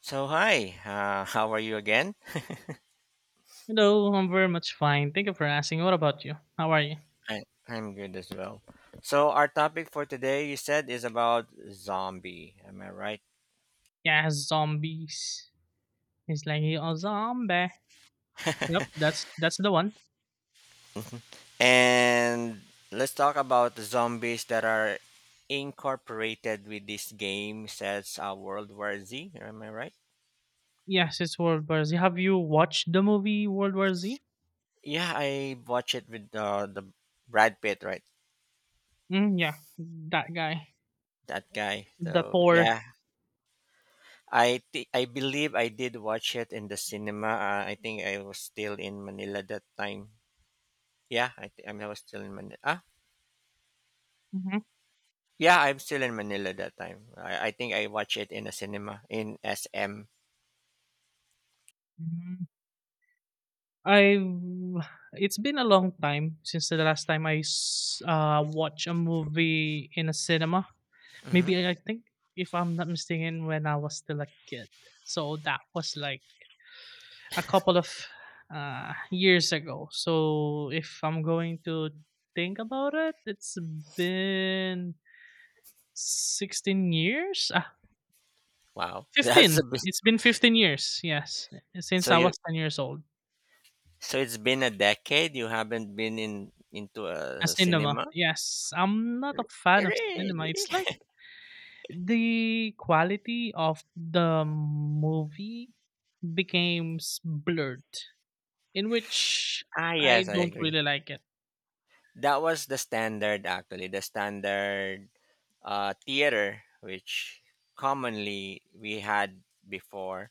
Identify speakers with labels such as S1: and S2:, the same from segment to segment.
S1: So hi, how are you again?
S2: Hello, I'm very much fine. Thank you for asking. What about you? How are you?
S1: I, I'm good as well. So our topic for today, you said, is about zombie. Am I right?
S2: Yeah, zombies. It's like a zombie. Yep, that's the one.
S1: And let's talk about the zombies that are incorporated with this game, says World War Z. Am I right?
S2: Yes, it's World War Z. Have you watched the movie World War Z?
S1: Yeah, I watch it with the Brad Pitt, right?
S2: Mm, yeah, that guy,
S1: That guy.
S2: the
S1: So
S2: Thor.
S1: yeah, I believe I did watch it in the cinema. I think I was still in Manila that time. Yeah, I mean, I was still in Manila.
S2: Mm-hmm.
S1: Yeah, I'm still in Manila that time. I think I watched it in a cinema in SM.
S2: hmm I It's been a long time since the last time I watched a movie in a cinema.
S1: Hmm.
S2: Maybe I think, if I'm not mistaken, when I was still a kid. So that was like a couple of years ago. So if I'm going to think about it, it's been 16 years?
S1: Wow, that's a
S2: 15.
S1: bit.
S2: It's been 15 years, yes, since
S1: So
S2: I
S1: you,
S2: was 10 years old.
S1: so it's been a decade. You haven't been in into
S2: A
S1: a
S2: cinema,
S1: cinema,
S2: yes. I'm not a fan of cinema.
S1: really?
S2: It's like the quality of the movie becomes blurred, in which I
S1: Yes, I
S2: don't
S1: agree.
S2: really like it.
S1: That was the standard, actually, theater which commonly we had before.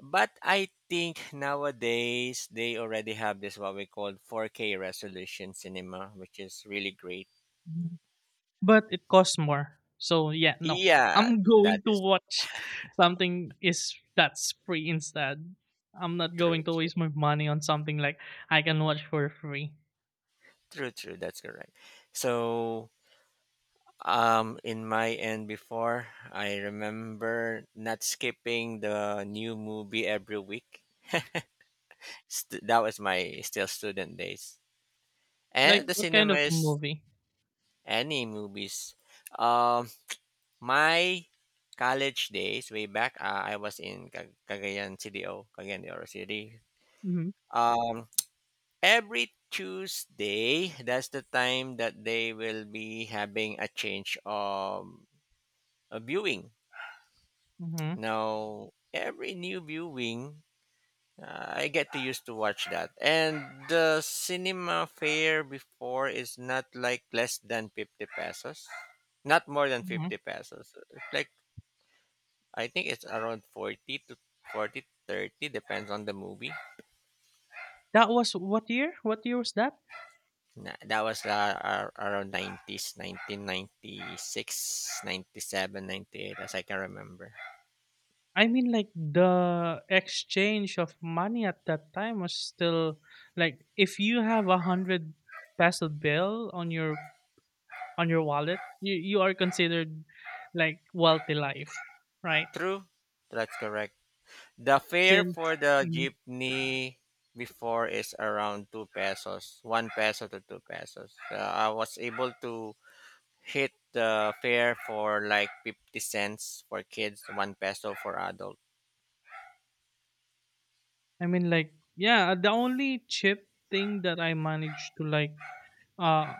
S1: But I think nowadays they already have this what we call 4K resolution cinema, which is really great.
S2: But it costs more. So yeah, no.
S1: Yeah,
S2: I'm
S1: that
S2: going to
S1: is
S2: watch something is that's free instead. I'm not
S1: true,
S2: going to
S1: true,
S2: waste my money on something like I can watch for free.
S1: true, true. That's correct. So, in my end before, I remember not skipping the new movie every week. That was my still student days, and
S2: Like
S1: the
S2: what kind
S1: cinema
S2: of
S1: is
S2: movie?
S1: any movies. Um, My college days way back, I was in Cagayan CDO, Cagayan de Oro City.
S2: Mhm.
S1: Um, every Tuesday, that's the time that they will be having a change of a viewing.
S2: Mhm.
S1: Now, every new viewing, I get to used to watch that. And the cinema fare before is not like less than 50 pesos. Not more than 50
S2: Mhm.
S1: pesos. It's like I think it's around 40 to 40, 30, depends on the movie.
S2: That was what year? What year was that?
S1: That was around 90s, 97, 98, as I can remember.
S2: I mean, like, the exchange of money at that time was still, like, if you have 100 peso bill on your wallet, you are considered like wealthy life, right?
S1: True, that's correct. The fare for
S2: Since
S1: the
S2: mhm.
S1: jeepney before is around 2 pesos, 1 peso to 2 pesos. I was able to hit the fare for like 50 cents for kids, 1 peso for adult.
S2: I mean, like, yeah, the only cheap thing that I managed to like uh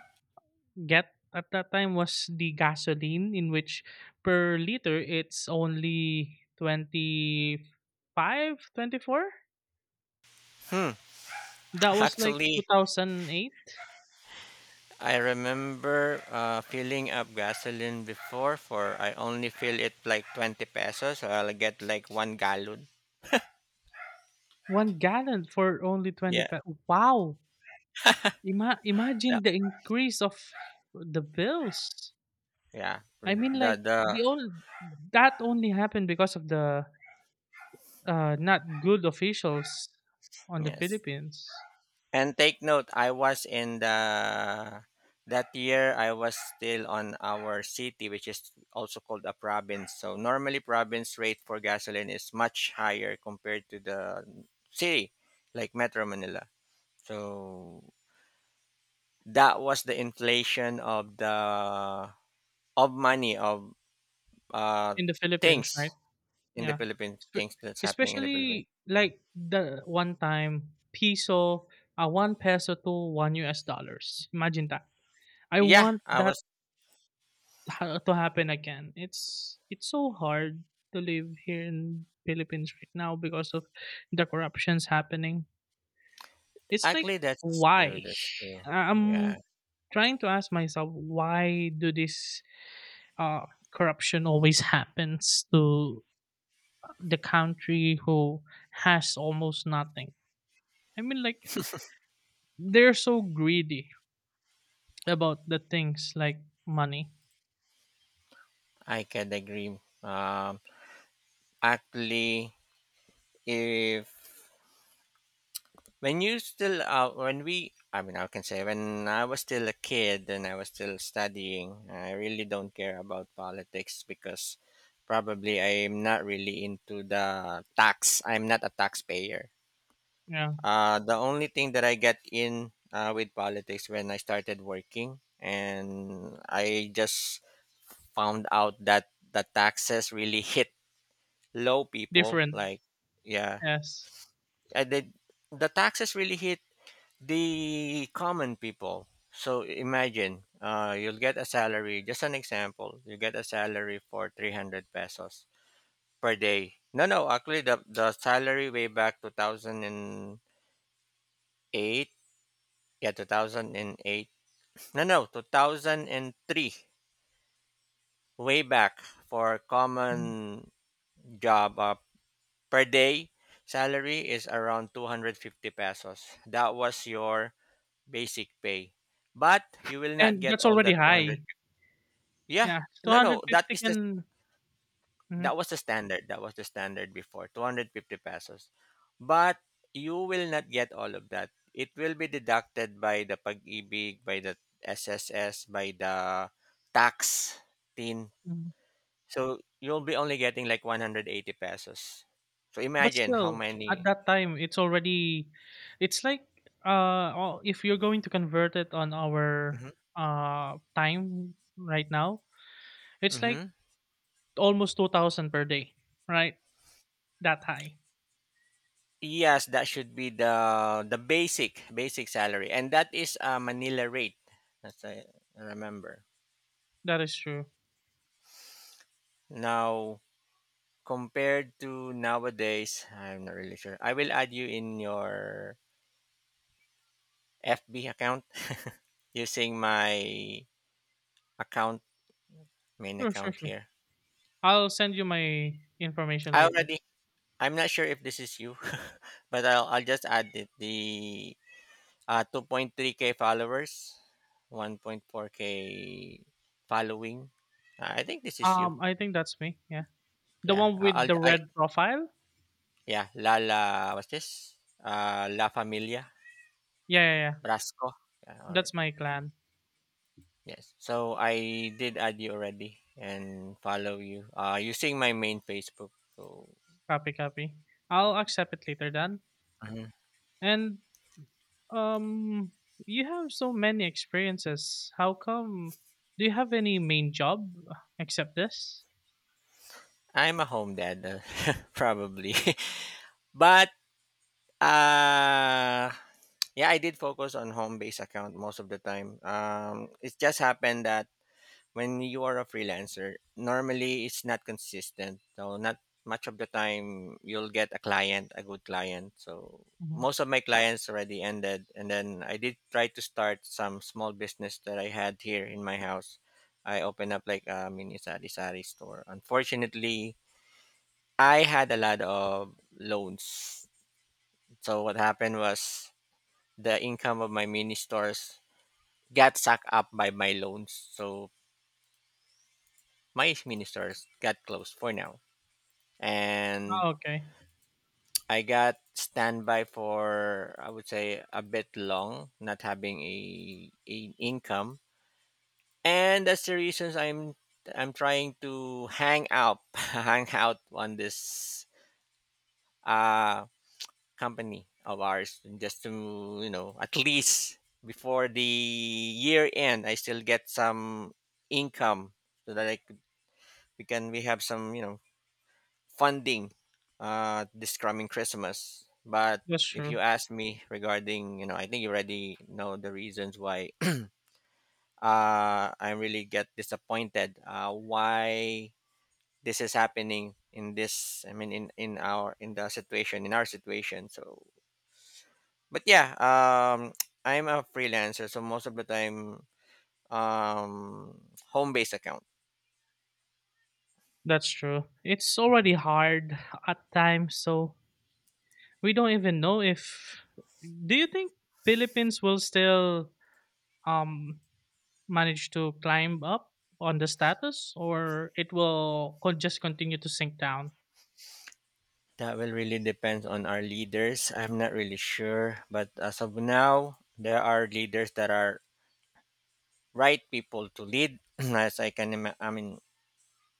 S2: get at that time was the gasoline, in which per liter it's only 25, 24.
S1: Hmm.
S2: That was like two
S1: Actually,
S2: thousand eight.
S1: I remember filling up gasoline before for I only fill it like 20 pesos so I'll get like 1 gallon.
S2: 1 gallon for only twenty
S1: Yeah.
S2: five. Wow!
S1: The,
S2: Imagine the increase of the bills.
S1: yeah.
S2: I mean, like,
S1: The
S2: the all that only happened because of the not good officials on the
S1: Yes.
S2: Philippines,
S1: And take note, I was in the That year I was still on our city which is also called a province. So normally province rate for gasoline is much higher compared to the city like Metro Manila. So that was the inflation of the of money of uh
S2: in the Philippines,
S1: things
S2: right?
S1: in the
S2: Yeah,
S1: Philippines,
S2: Espe-
S1: things that's happening in the Philippines.
S2: especially like the one time peso, one peso to one U.S. dollars. Imagine that. I
S1: Yeah,
S2: want
S1: I
S2: that
S1: was
S2: to happen again. It's so hard to live here in Philippines right now because of the corruptions happening. It's like,
S1: actually, that's true.
S2: why?
S1: That's true. Yeah,
S2: I'm trying to ask myself, why do this uh, corruption always happens to the country who has almost nothing? I mean, like, they're so greedy about the things like money.
S1: I can agree. Actually, if when you still when we I mean, I can say when I was still a kid and I was still studying, I really don't care about politics because probably I'm not really into the tax. I'm not a taxpayer.
S2: Yeah,
S1: The only thing that I get in with politics when I started working, and I just found out that the taxes really hit low people.
S2: different,
S1: Like, yeah,
S2: yes.
S1: I did, the taxes really hit the common people. So imagine, you'll get a salary. Just an example, you get a salary for 300 pesos per day. No, no, actually, the salary way back 2008, yeah, 2008. No, no, 2003, way back for
S2: Mhm.
S1: common job per day salary is around 250 pesos. That was your basic pay. But you will not
S2: And
S1: get
S2: that's
S1: all
S2: already
S1: that 200.
S2: high, yeah.
S1: Yeah, no, no, that
S2: 250
S1: is the
S2: can. Mhm.
S1: that was the standard. That was the standard before 250 pesos. But you will not get all of that. It will be deducted by the pag-ibig, by the SSS, by the tax tin.
S2: Mhm.
S1: So you'll be only getting like 180 pesos. So
S2: But
S1: imagine how
S2: still, at
S1: many.
S2: that time, it's already, it's like, oh, if you're going to convert it on our
S1: Mhm.
S2: time right now, it's like
S1: Mhm.
S2: almost 2,000 per day, right? That high.
S1: Yes, that should be the basic salary, and that is a Manila rate, as I remember.
S2: That is true.
S1: Now compared to nowadays, I'm not really sure. I will add you in your FB account using my account main
S2: Sure, sure,
S1: account
S2: sure.
S1: here.
S2: I'll send you my information
S1: I
S2: later.
S1: already. I'm not sure if this is you, but I'll just add it, the 2.3K followers, 1.4K following. I think this is you.
S2: I think that's me. Yeah, the
S1: Yeah.
S2: one with the red profile.
S1: Yeah. Lala, what's this? La Familia,
S2: Yeah, yeah, yeah.
S1: Brasco. Yeah, all right.
S2: That's my clan.
S1: Yes. So I did add you already and follow you using my main Facebook. So.
S2: Copy, copy. I'll accept it later, Dan.
S1: Mhm.
S2: And Um, you have so many experiences. How come? Do you have any main job except this?
S1: I'm a home dad, probably. But uh, yeah, I did focus on home based account most of the time. It just happened that when you are a freelancer, normally it's not consistent. So not much of the time you'll get a client, a good client. So
S2: Mhm.
S1: most of my clients already ended, and then I did try to start some small business that I had here in my house. I opened up like a mini sari-sari store. Unfortunately, I had a lot of loans. So what happened was the income of my mini stores got sucked up by my loans. So my mini stores got closed for now. And
S2: Oh, okay.
S1: I got standby for I would say a bit long, not having a income, and that's the reasons I'm trying to hang out, hang out on this uh company of ours, just to at least before the year end, I still get some income so that I could we can we have some funding this coming Christmas. But
S2: That's
S1: if
S2: true.
S1: you ask me regarding, I think you already know the reasons why I really get disappointed. Why this is happening in this? I mean, in our in the situation in our situation. So, but yeah, I'm a freelancer, so most of the time, um, home based account.
S2: That's true. It's already hard at times, so we don't even know if. Do you think Philippines will still um manage to climb up on the status, or it will just continue to sink down?
S1: That will really depend on our leaders. I'm not really sure, but as of now, there are leaders that are right people to lead. as I can, ima- I mean,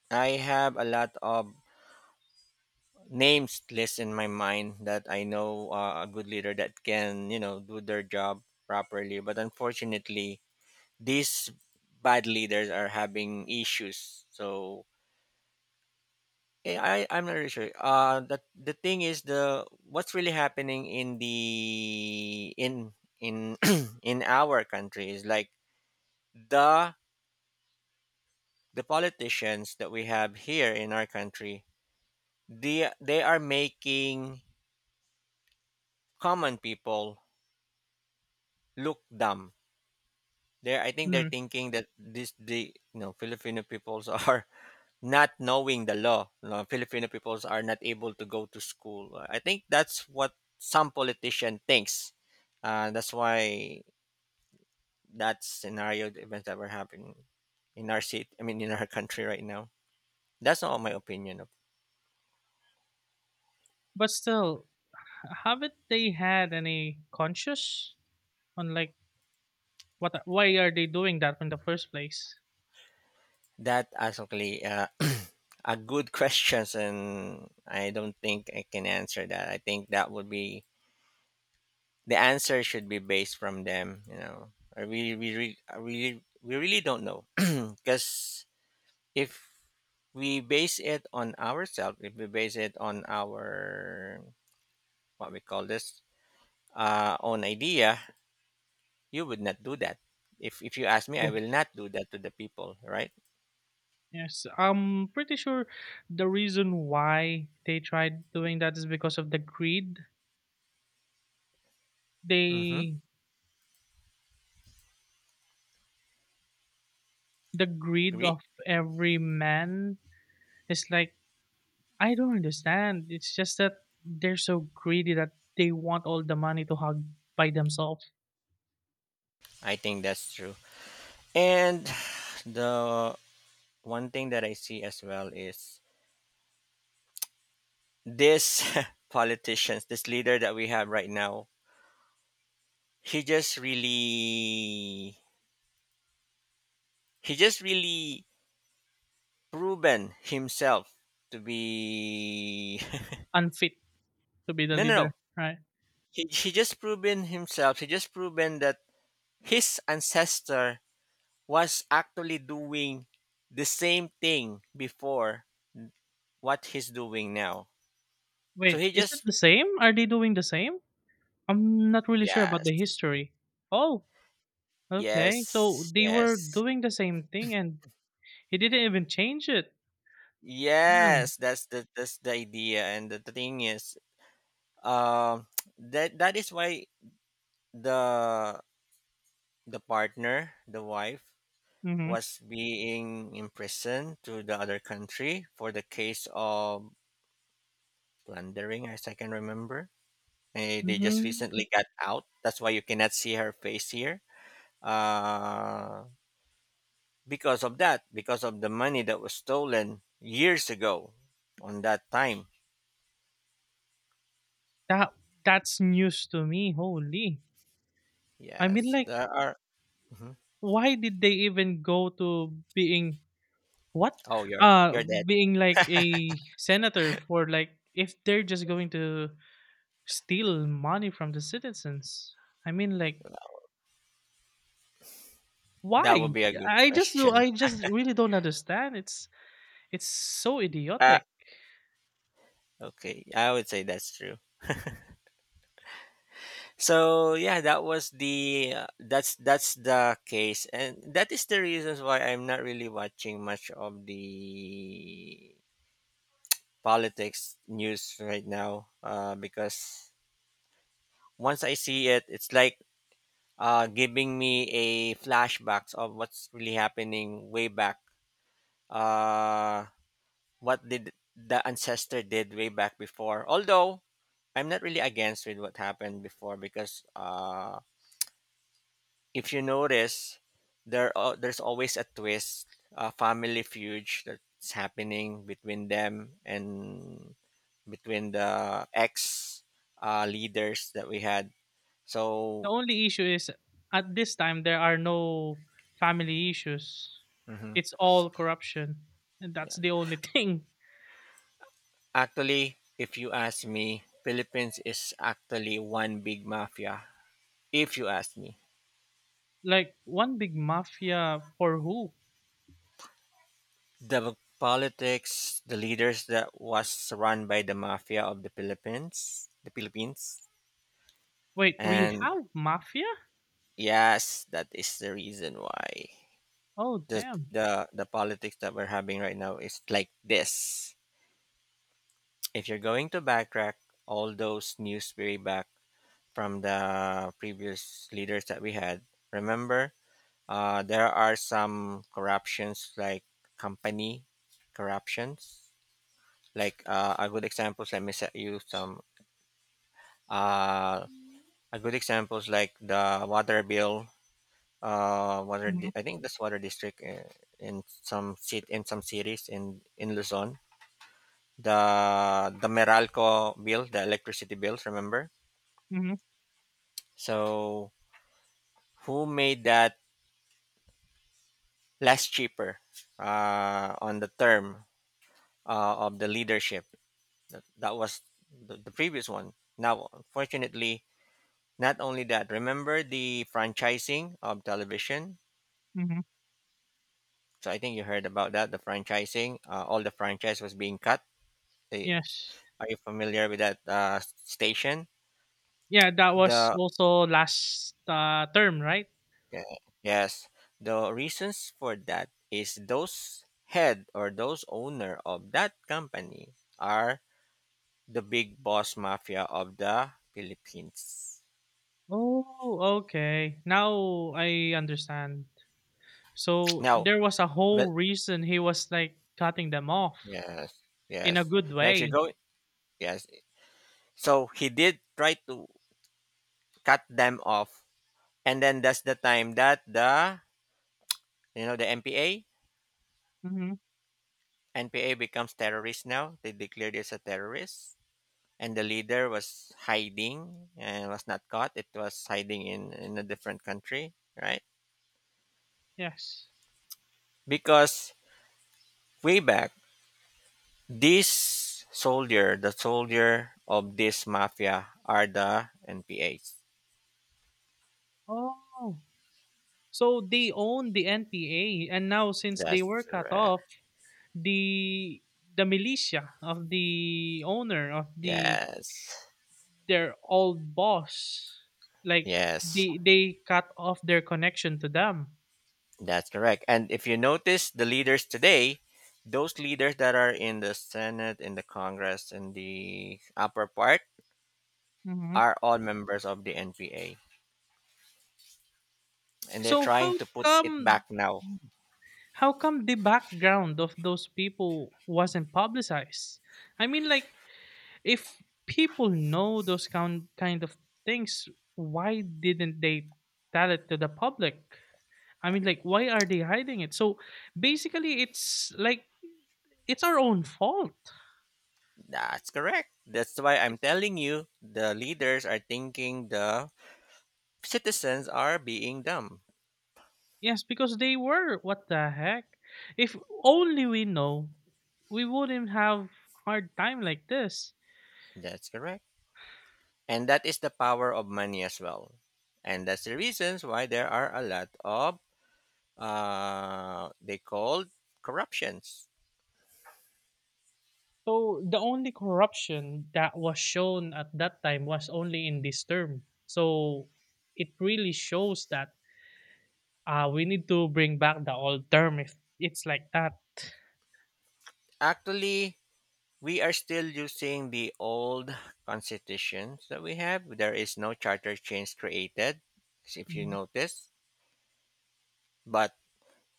S1: I have a lot of names list in my mind that I know a good leader that can, do their job properly. But unfortunately, these bad leaders are having issues. So I'm not really sure. The thing is the what's really happening in the in in our country is like the the politicians that we have here in our country, they are making common people look dumb. They I think they're
S2: Mhm.
S1: thinking that this the Filipino peoples are not knowing the law. No, Filipino peoples are not able to go to school. I think that's what some politician thinks. That's why that scenario, the events that were happening in our city, I mean, in our country right now. That's not my opinion of
S2: But still, haven't they had any conscious on, like, What why are they doing that in the first place?
S1: that. Actually, are good questions, and I don't think I can answer that. I think that would be the answer should be based from them. You know, I really, we, really don't know because if we base it on ourselves if we base it on our what we call this own idea you would not do that if you ask me I
S2: True.
S1: will not do that to the people, right.
S2: Yes, I'm pretty sure the reason why they tried doing that is because of the greed.
S1: Mm-hmm.
S2: They the greed
S1: Agreed.
S2: of every man is like, I don't understand. It's just that they're so greedy that they want all the money to hog by themselves,
S1: I think that's true. And the one thing that I see as well is this politicians this leader that we have right now, he just really he just really proven himself to be
S2: unfit to be the
S1: no, no,
S2: leader,
S1: no,
S2: right?
S1: he just proven himself he just proven that his ancestor was actually doing the same thing before what he's doing now. So
S2: Wait,
S1: he
S2: is it
S1: just
S2: the same? Are they doing the same? I'm not really sure about
S1: yes,
S2: the history. Oh, okay, so
S1: yes,
S2: they were
S1: yes,
S2: doing the same thing, and he didn't even change it. Mm-hmm.
S1: yes, that's the idea. And the thing is, um that that is why the the partner the wife was being imprisoned to the other country for the case of plundering as I can remember. They just
S2: Mm-hmm.
S1: recently got out. That's why you cannot see her face here. Uh, because of that, because of the money that was stolen years ago on that time.
S2: That that's news to me. Holy, I mean,
S1: Yes,
S2: like,
S1: there are. Mhm.
S2: why did they even go to being what?
S1: Oh, you're, you're dead.
S2: Being like a senator for, like, if they're just going to steal money from the citizens. I mean, like,
S1: That would
S2: why?
S1: be a good
S2: I just do.
S1: question.
S2: I just really don't understand. It's so
S1: Uh,
S2: idiotic.
S1: okay, I would say that's true. So yeah, that's the case, and that is the reasons why I'm not really watching much of the politics news right now because once I see it, it's like giving me a flashbacks of what's really happening way back. Uh, what did the ancestor did way back before? Although I'm not really against with what happened before because if you notice, there's always a twist, a family feud that's happening between them and between the ex leaders that we had.
S2: The
S1: So.
S2: only issue is, at this time there are no family issues.
S1: Mhm,
S2: It's all corruption. And
S1: yeah.
S2: that's the only thing.
S1: Actually, if you ask me, Philippines is actually one big mafia. If you ask me,
S2: Like one big mafia for who?
S1: the politics, the leaders that was run by the mafia of the Philippines,
S2: Wait, we
S1: and
S2: have mafia?
S1: yes, that is the reason why
S2: Oh
S1: the
S2: damn.
S1: the politics that we're having right now is like this. If you're going to backtrack all those news way back from the previous leaders that we had. Remember, there are some corruptions like company corruptions. Like a good examples, let me set you some. Uh, a good examples like the water bill. Water.
S2: Mhm,
S1: I think this water district in some city in some cities in Luzon. The Meralco bill, the electricity bills. Remember.
S2: mhm,
S1: So who made that less cheaper on the term of the leadership. That was the previous one. Now, unfortunately, not only that, remember the franchising of television?
S2: mhm.
S1: So I think you heard about that, the franchising. All the franchise was being cut. They,
S2: Yes.
S1: are you familiar with that station?
S2: Yeah, that was
S1: The
S2: also last term, right?
S1: yeah, yes, the reasons for that is those head or those owner of that company are the big boss mafia of the Philippines.
S2: Oh, okay. Now I understand. So
S1: Now,
S2: there was a whole
S1: but
S2: reason he was like cutting them off
S1: yes,
S2: in
S1: yes.
S2: a good
S1: Now, if you
S2: way.
S1: go, yes. So he did try to cut them off, and then that's the time that the you know the MPA
S2: Hmm.
S1: NPA becomes terrorist. Now they declared it as a terrorist, and the leader was hiding and was not caught. It was hiding in a different country, right?
S2: Yes.
S1: Because way back this soldier, the soldier of this mafia are the NPAs.
S2: Oh, so they own the NPA, and now since they were
S1: That's
S2: cut
S1: right.
S2: off, the the militia of the owner of the
S1: Yes.
S2: their old boss, like
S1: Yes.
S2: they cut off their connection to them.
S1: That's correct. And if you notice the leaders today, those leaders that are in the Senate, in the Congress, in the upper part
S2: hmm
S1: are all members of the NPA. And they're
S2: So
S1: trying
S2: how
S1: to put it
S2: come
S1: back now.
S2: how come the background of those people wasn't publicized? I mean, like, if people know those kind of things, why didn't they tell it to the public? I mean, like, why are they hiding it? So basically, it's like it's our own fault.
S1: That's correct. That's why I'm
S2: Yes,
S1: telling you the leaders are thinking the citizens are being dumb.
S2: yes, because they were. What the heck? If only we know, we wouldn't have hard time like this.
S1: That's correct. And that is the power of money as well. And that's the reasons why there are a lot of they called corruptions.
S2: So the only corruption that was shown at that time was only in this term. So it really shows that we need to bring back the old term if it's like that.
S1: Actually, we are still using the old constitutions that we have. There is no charter change created, if you
S2: Mhm.
S1: notice. But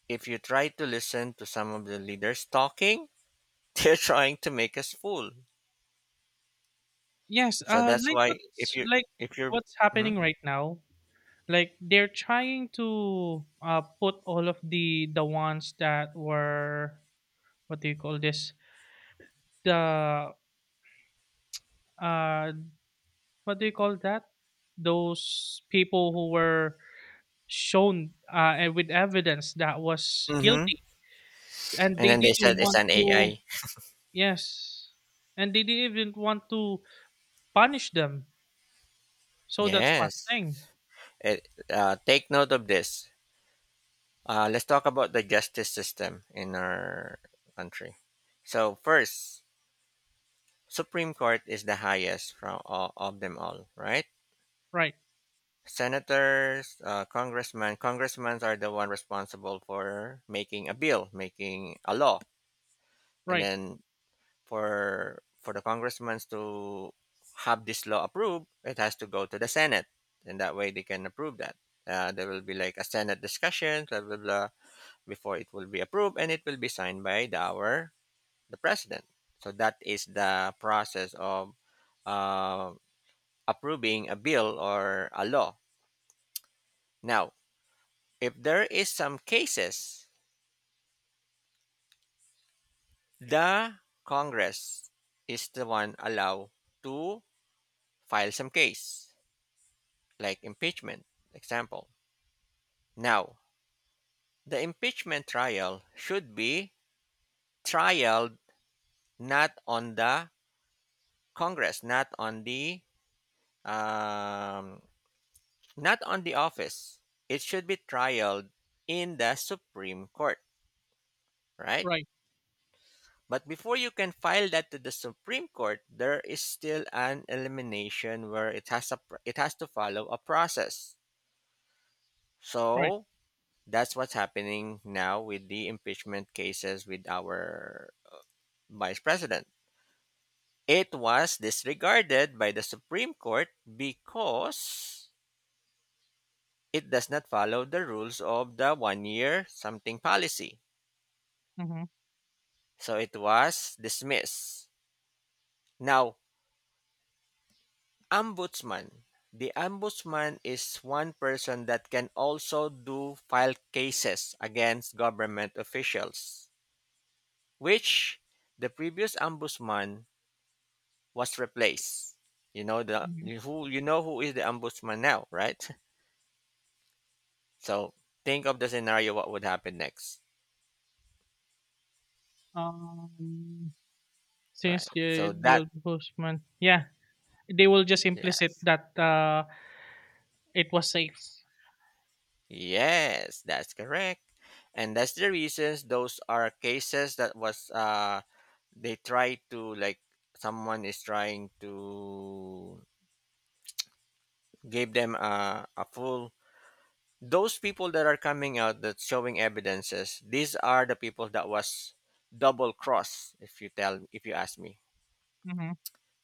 S1: if you try to listen to some of the leaders talking, they're trying to make us fool.
S2: Yes,
S1: So that's
S2: like
S1: why if you if you're
S2: what's
S1: hmm
S2: happening right now, like they're trying to put all of the ones that were, what do you call this, the uh what do you call that, those people who were shown, and with evidence that was
S1: hmm
S2: guilty, and
S1: and
S2: they
S1: then they
S2: didn't
S1: said it's
S2: want
S1: an
S2: to.
S1: AI.
S2: Yes, and they didn't even want to punish them, so that's one
S1: Yes.
S2: thing.
S1: It, take note of this. Let's talk about the justice system in our country. So first, Supreme Court is the highest from all, of them all, right?
S2: Right,
S1: Senators, congressmen, congressmen are the one responsible for making a bill, making a law, and
S2: right,
S1: then for the congressmen to have this law approved, it has to go to the Senate, and that way they can approve that. There will be like a Senate discussion, blah blah blah before it will be approved and it will be signed by our the president. So that is the process of uh, approving a bill or a law. Now, if there is some cases, the Congress is the one allowed to file some case, like impeachment, example. Now, the impeachment trial should be trialed not on the Congress, not on the um, not on the office. It should be trialed in the Supreme Court, right?
S2: right,
S1: But before you can file that to the Supreme Court, there is still an elimination where it has to follow a process.
S2: right.
S1: So that's what's happening now with the impeachment cases with our vice president. It was disregarded by the Supreme Court because it does not follow the rules of the one year something policy.
S2: Hmm.
S1: So it was dismissed. Now, ombudsman. The ombudsman is one person that can also do file cases against government officials, which the previous ombudsman was replaced. You know the
S2: Hmm.
S1: you who you know who is the ombudsman now, right? So think of the scenario what would happen next.
S2: um Since
S1: Right. So
S2: the
S1: that
S2: the ombudsman, yeah, they will just implicit
S1: yes.
S2: that, it was safe.
S1: Yes, that's correct, and that's the reasons those are cases that was they try to like someone is trying to give them a full. Those people that are coming out that's showing evidences, these are the people that was double cross, if you tell, if you ask me,
S2: Mhm,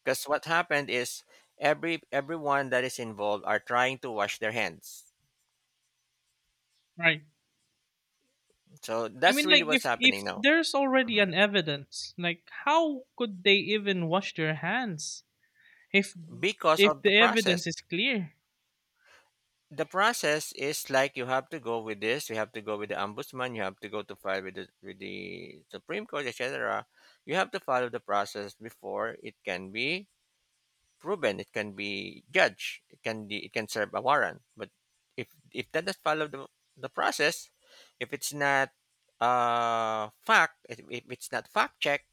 S1: because what happened is everyone that is involved are trying to wash their hands,
S2: right.
S1: so
S2: I
S1: that's
S2: mean,
S1: really
S2: like,
S1: what's
S2: if
S1: happening
S2: if
S1: now.
S2: there's already
S1: Mhm.
S2: an evidence, like, how could they even wash their hands if
S1: Because
S2: if
S1: of the
S2: the evidence
S1: process,
S2: is clear?
S1: the process is like you have to go with this, you have to go with the ombudsman, you have to go to file with with the supreme court, etc. You have to follow the process before it can be proven, it can be judged, it can serve a warrant, but if that does follow the process, if it's not fact, if it's not fact check,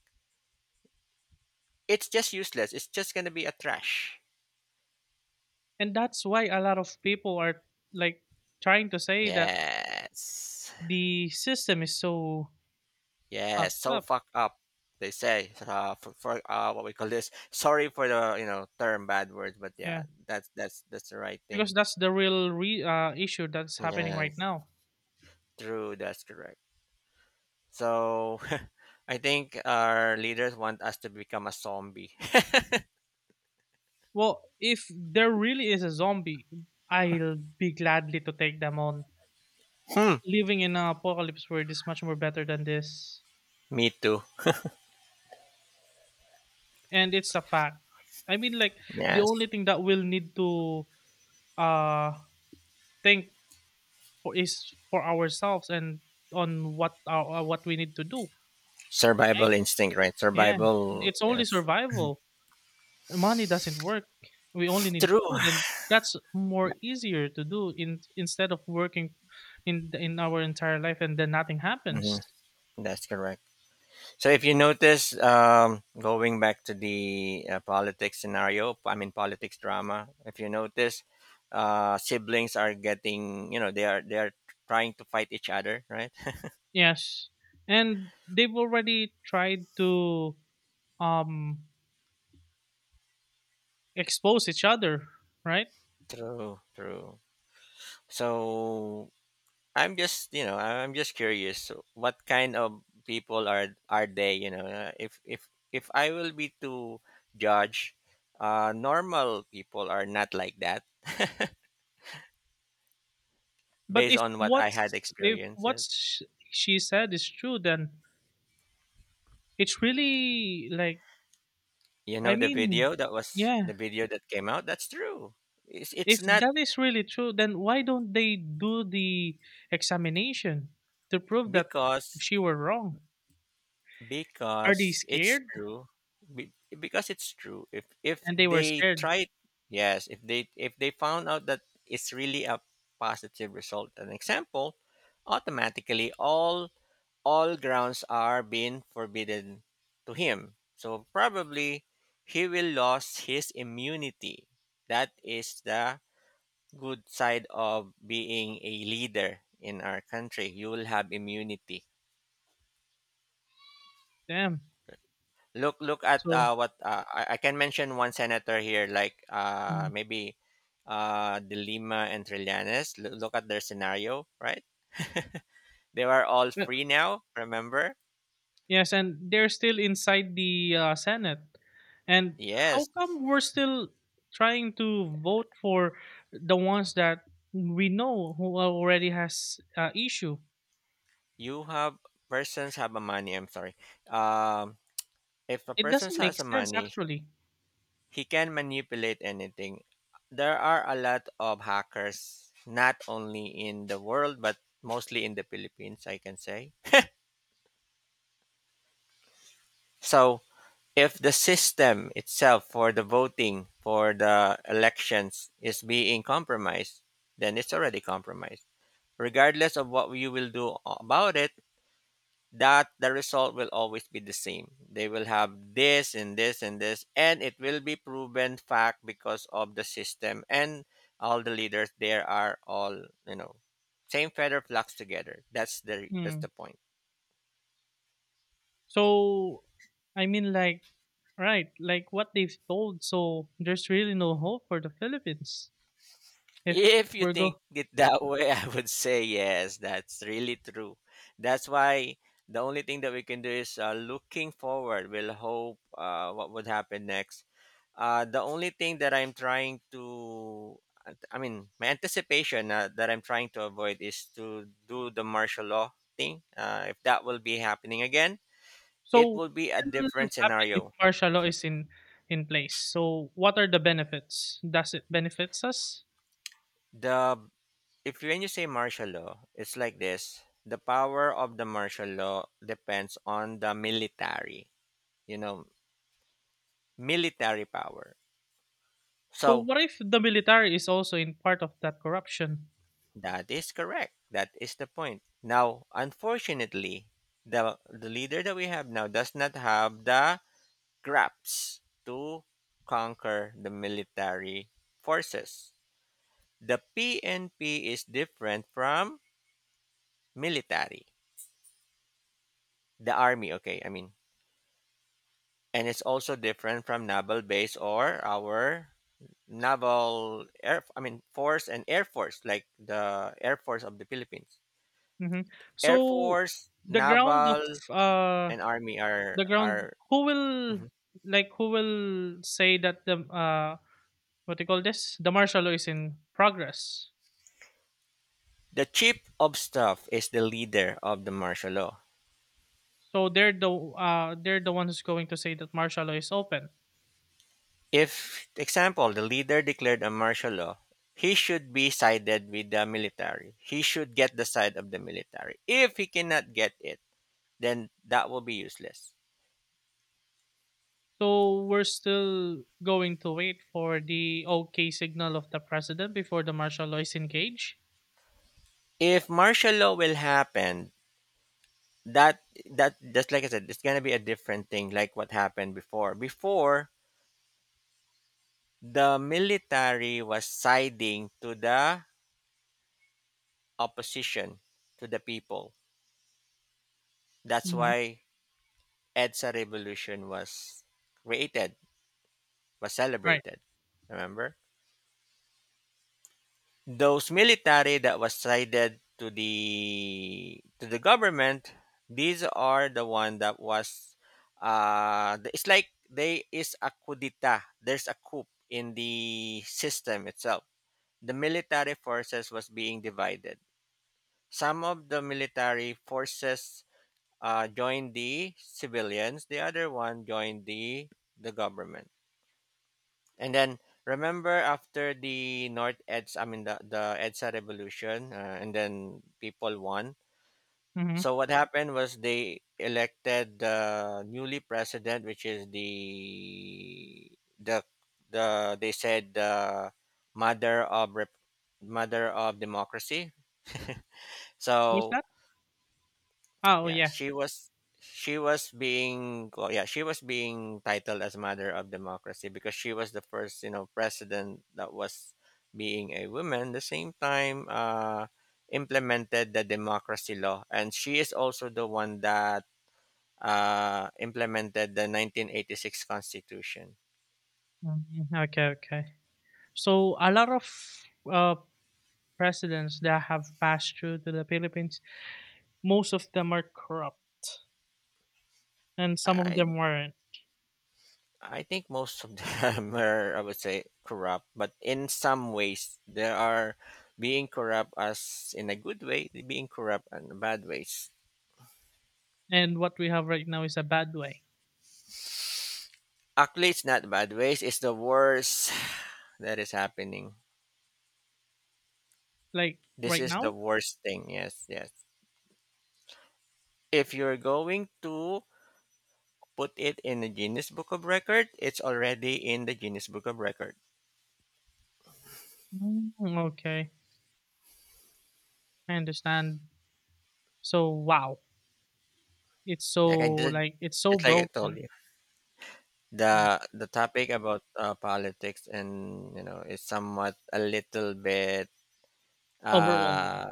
S1: it's just useless, it's just gonna be a trash.
S2: And that's why a lot of people are, like, trying to say that
S1: Yes.
S2: the system is so
S1: Yeah,
S2: fucked
S1: so
S2: up.
S1: fucked up. They say for, for what we call this. Sorry for the you know term bad words, but yeah,
S2: Yeah,
S1: that's the right
S2: because
S1: thing.
S2: that's the real issue that's happening right
S1: Yes,
S2: now.
S1: true. That's correct. So, I think our leaders want us to become a zombie.
S2: Well, if there really is a zombie, I'll be gladly to take them on.
S1: Hmm.
S2: Living in an apocalypse world is much more better than this,
S1: Me too.
S2: and it's a fact. I mean, like, the
S1: Yes.
S2: only thing that we'll need to uh think for is for ourselves and on what we need to do.
S1: Survival instinct, right?
S2: Yeah,
S1: Survival.
S2: it's only
S1: Yes.
S2: survival. Money doesn't work. We only need
S1: True.
S2: food, and that's more easier to do in instead of working in our entire life and then nothing happens.
S1: hmm. That's correct. So if you notice, going back to the politics scenario, I mean politics drama. If you notice, siblings are getting, you know, they are trying to fight each other, right?
S2: Yes, and they've already tried to um expose each other, right?
S1: True, true. So I'm just, you know, I'm just curious. What kind of people are they? You know, if if I will be to judge, normal people are not like that,
S2: But
S1: based
S2: if
S1: on what I had
S2: what's if
S1: experienced.
S2: what
S1: Yeah.
S2: sh- she said is true, then it's really like,
S1: You know
S2: I mean, yeah,
S1: the video that came out, that's true. It's
S2: if
S1: not,
S2: that is really true, then why don't they do the examination to prove that
S1: because
S2: she were wrong? Are they
S1: it's
S2: scared?
S1: true, be- because it's true. If
S2: And they were
S1: they
S2: scared.
S1: tried, yes, if they, if they found out that it's really a positive result, an example, automatically all grounds are being forbidden to him, so probably he will lose his immunity. That is the good side of being a leader in our country. You will have immunity.
S2: Damn.
S1: Look, look at
S2: So
S1: what I can mention one senator here, like
S2: mhm.
S1: maybe De Lima and Trillanes. Look, look at their scenario, right? They are all
S2: But-
S1: free now. Remember?
S2: yes, and they're still inside the Senate. And how
S1: Yes,
S2: come we're still trying to vote for the ones that we know who already has issue?
S1: you have persons have a money. I'm sorry. Um, if a
S2: It
S1: person
S2: doesn't make
S1: has a
S2: sense,
S1: money,
S2: actually.
S1: he can manipulate anything. There are a lot of hackers, not only in the world, but mostly in the Philippines, I can say. So, if the system itself for the voting, for the elections, is being compromised, then it's already compromised. Regardless of what you will do about it, that the result will always be the same. They will have this and this and this, and it will be proven fact because of the system, and all the leaders there are all, you know, same feather flocks together. That's
S2: Hmm.
S1: the point.
S2: So, I mean, like, right, like what they've told. So there's really no hope for the Philippines if
S1: If you
S2: we're
S1: think
S2: go.
S1: it that way, I would say yes, that's really true. That's why the only thing that we can do is looking forward. We'll hope what would happen next. The only thing that I'm trying to, I mean, my anticipation that I'm trying to avoid is to do the martial law thing. If that will be happening again, it
S2: So
S1: will be a
S2: what will
S1: different
S2: happen
S1: scenario.
S2: if martial law is in place? So what are the benefits? Does it benefits us?
S1: The if when you say martial law, it's like this: the power of the martial law depends on the military, you know, military power.
S2: So
S1: So
S2: what if the military is also in part of that corruption?
S1: that is correct. That is the point. Now, unfortunately, the leader that we have now does not have the grasps to conquer the military forces. The PNP is different from military, the army. Okay, I mean, and it's also different from naval base or our naval air, I mean force and air force, like the air force of the Philippines,
S2: Hmm.
S1: air
S2: So
S1: force,
S2: the ground of
S1: naval
S2: uh
S1: and army are
S2: the ground
S1: are
S2: who will,
S1: mhm,
S2: who will say that the what do you call this? The martial law is in progress.
S1: the chief of staff is the leader of the martial law.
S2: So they're they're the one who's going to say that martial law is open.
S1: If example the leader declared a martial law, he should be sided with the military, he should get the side of the military. If he cannot get it, then that will be useless.
S2: So we're still going to wait for the okay signal of the president before the martial law is engaged.
S1: If martial law will happen, that that just like I said, it's going to be a different thing, like what happened before. The military was siding to the opposition, to the people, that's
S2: Mm-hmm.
S1: why EDSA revolution was created, was
S2: Right.
S1: celebrated. Remember, those military that was sided to the government, these are the one that was it's like they is a coup d'etat. There's a coup in the system itself. The military forces was being divided. Some of the military forces joined the civilians. The other one joined the government. And then remember after the North Edsa, I mean the EDSA revolution, and then people won.
S2: Mm-hmm.
S1: So what happened was they elected the newly president, which is the the they said the mother of rep, mother of democracy.
S2: Who's
S1: So
S2: that? Oh
S1: yeah,
S2: yeah.
S1: she was being well, yeah, she was being titled as mother of democracy because she was the first president that was being a woman. The same time, implemented the democracy law, and she is also the one that implemented the 1986 constitution.
S2: Mhm. Okay. Okay. So a lot of uh presidents that have passed through to the Philippines, most of them are corrupt, and some of
S1: I
S2: them weren't.
S1: I think most of them are, I would say, corrupt, but in some ways, there are being corrupt as in a good way, being corrupt and bad ways.
S2: And what we have right now is a bad way.
S1: Actually, it's not bad ways, it's the worst that is happening.
S2: Like
S1: This
S2: right
S1: is the
S2: now?
S1: worst thing, yes, yes. If you're going to put it in the Guinness Book of Record, it's already in the Guinness Book of Record.
S2: Mm, okay, I understand. So wow,
S1: Like I did,
S2: it's so
S1: just like I told
S2: broken,
S1: you.
S2: right?
S1: The topic about politics and is somewhat a little bit
S2: Overwhelming.
S1: uh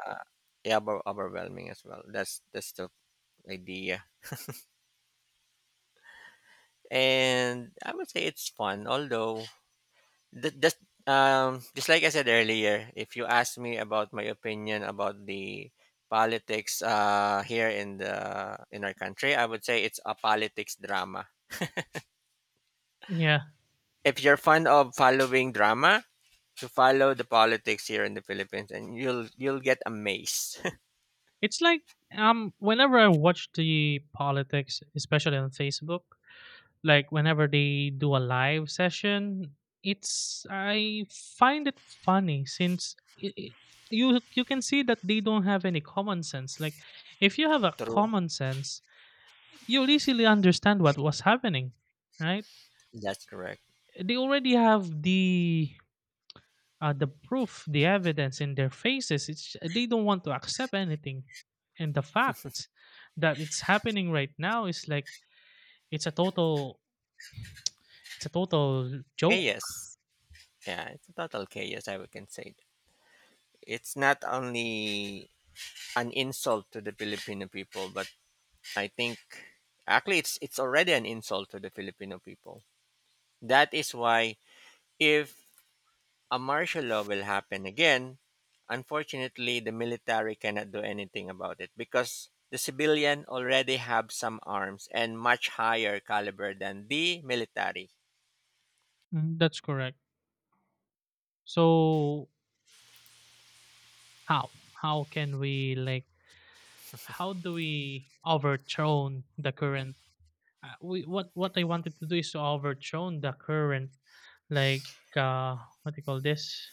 S1: yeah, overwhelming as well. That's the idea. And I would say it's fun, although th- just just like I said earlier, if you ask me about my opinion about the politics here in the in our country, I would say it's a politics drama.
S2: Yeah,
S1: If you're fond of following drama to follow the politics here in the Philippines, and you'll get amazed.
S2: it's like whenever I watch the politics, especially on Facebook, like whenever they do a live session, it's I find it funny, since I you can see that they don't have any common sense. Like, if you have a
S1: True,
S2: common sense, you'll easily understand what was happening, right?
S1: that's correct.
S2: They already have the proof, the evidence in their faces. It's they don't want to accept anything, and the fact that it's happening right now is like, it's a total joke.
S1: Chaos, yeah, it's a total chaos. I would can say it's not only an insult to the Filipino people, but I think actually it's already an insult to the Filipino people. That is why if a martial law will happen again. Unfortunately, the military cannot do anything about it because the civilian already have some arms and much higher caliber than the military.
S2: Mm, that's correct. So how can we, like, how do we overthrow the current? We what I wanted to do is to overthrow the current, like uh what do you call this?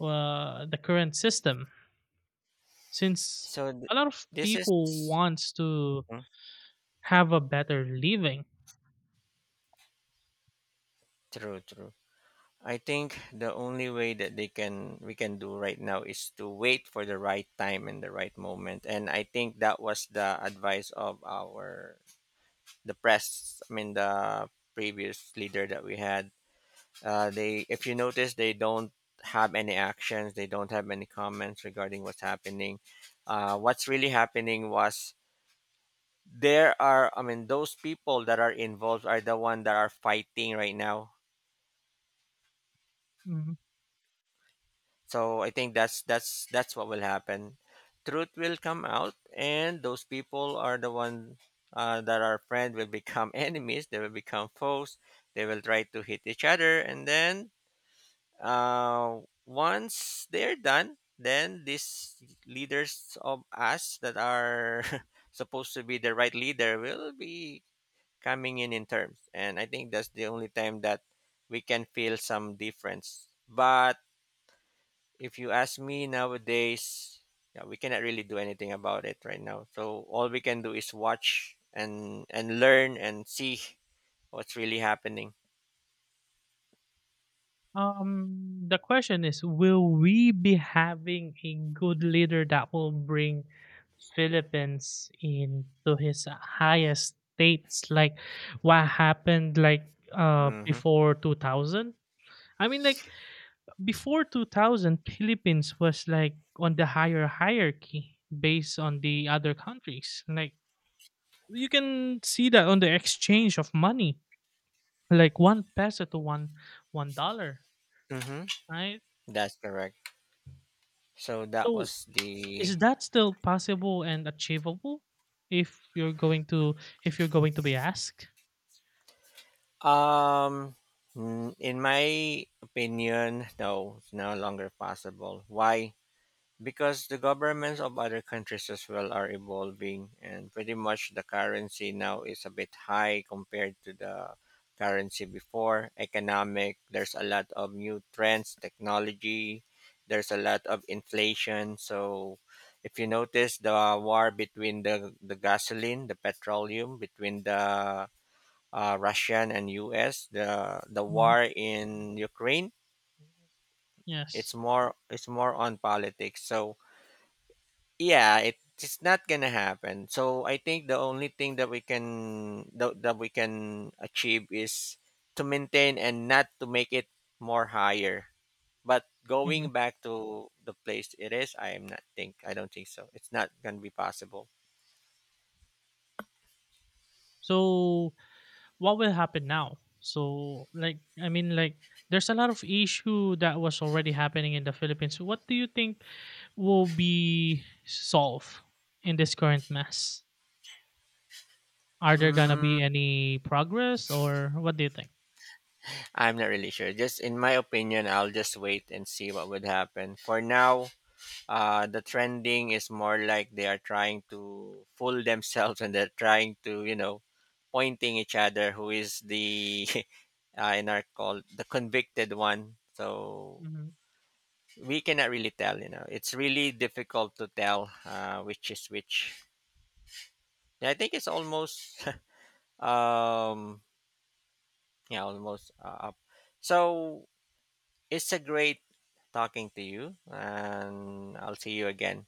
S2: The current system, since
S1: So th-
S2: a lot of
S1: this
S2: people
S1: is
S2: wants to
S1: mhm,
S2: have a better living.
S1: true, true. I think the only way that they can we can do right now is to wait for the right time and the right moment. And I think that was the advice of our the press. I mean the previous leader that we had. They, if you notice, they don't have any actions. They don't have any comments regarding what's happening. What's really happening was there are, I mean, those people that are involved are the one that are fighting right now.
S2: Mhm.
S1: So I think that's that's what will happen. Truth will come out, and those people are the one that are friend will become enemies. They will become foes. They will try to hit each other, and then Uh, once they're done, then these leaders of us that are supposed to be the right leader will be coming in terms. And I think that's the only time that we can feel some difference. But if you ask me nowadays, yeah, we cannot really do anything about it right now. So all we can do is watch and learn and see what's really happening.
S2: The question is, will we be having a good leader that will bring Philippines into his highest states, like what happened like
S1: Mm-hmm.
S2: before 2000? I mean, like, before 2000, Philippines was like on the higher hierarchy based on the other countries. Like, you can see that on the exchange of money, like one peso to one dollar,
S1: Mm-hmm.
S2: right?
S1: That's correct. So that
S2: So
S1: was the
S2: is that still possible and achievable if you're going to, be asked?
S1: Um, mm, in my opinion, no, it's no longer possible. Why? Because the governments of other countries as well are evolving, and pretty much the currency now is a bit high compared to the currency before. Economic, there's a lot of new trends, technology, there's a lot of inflation. So, if you notice the war between the gasoline, the petroleum, between the Russian and U.S., the
S2: Mhm.
S1: war in Ukraine.
S2: Yes.
S1: It's more on politics. So yeah, it's not gonna happen. So I think the only thing that that we can achieve is to maintain and not to make it more higher. But
S2: Hmm.
S1: going back to the place it is, I don't think so. It's not gonna be possible.
S2: So what will happen now? So, like, I mean, like, there's a lot of issue that was already happening in the Philippines. What do you think will be solved in this current mess? Are there gonna
S1: Hmm,
S2: be any progress, or what do you think?
S1: I'm not really sure. Just in my opinion, I'll just wait and see what would happen. For now, the trending is more like they are trying to fool themselves and they're trying to pointing each other who is the in our call the convicted one. So
S2: Mhm.
S1: we cannot really tell, it's really difficult to tell, which is which. Yeah, I think it's almost um yeah, almost up. So it's a great talking to you and I'll see you again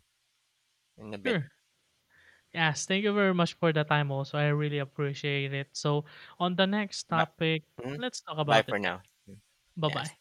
S1: in a bit.
S2: Sure. Yes, thank you very much for the time also. I really appreciate it. So on the next
S1: Bye.
S2: topic,
S1: Mhm.
S2: let's talk
S1: Bye
S2: about
S1: for
S2: it then.
S1: now. Mm.
S2: Bye
S1: Yes.
S2: bye.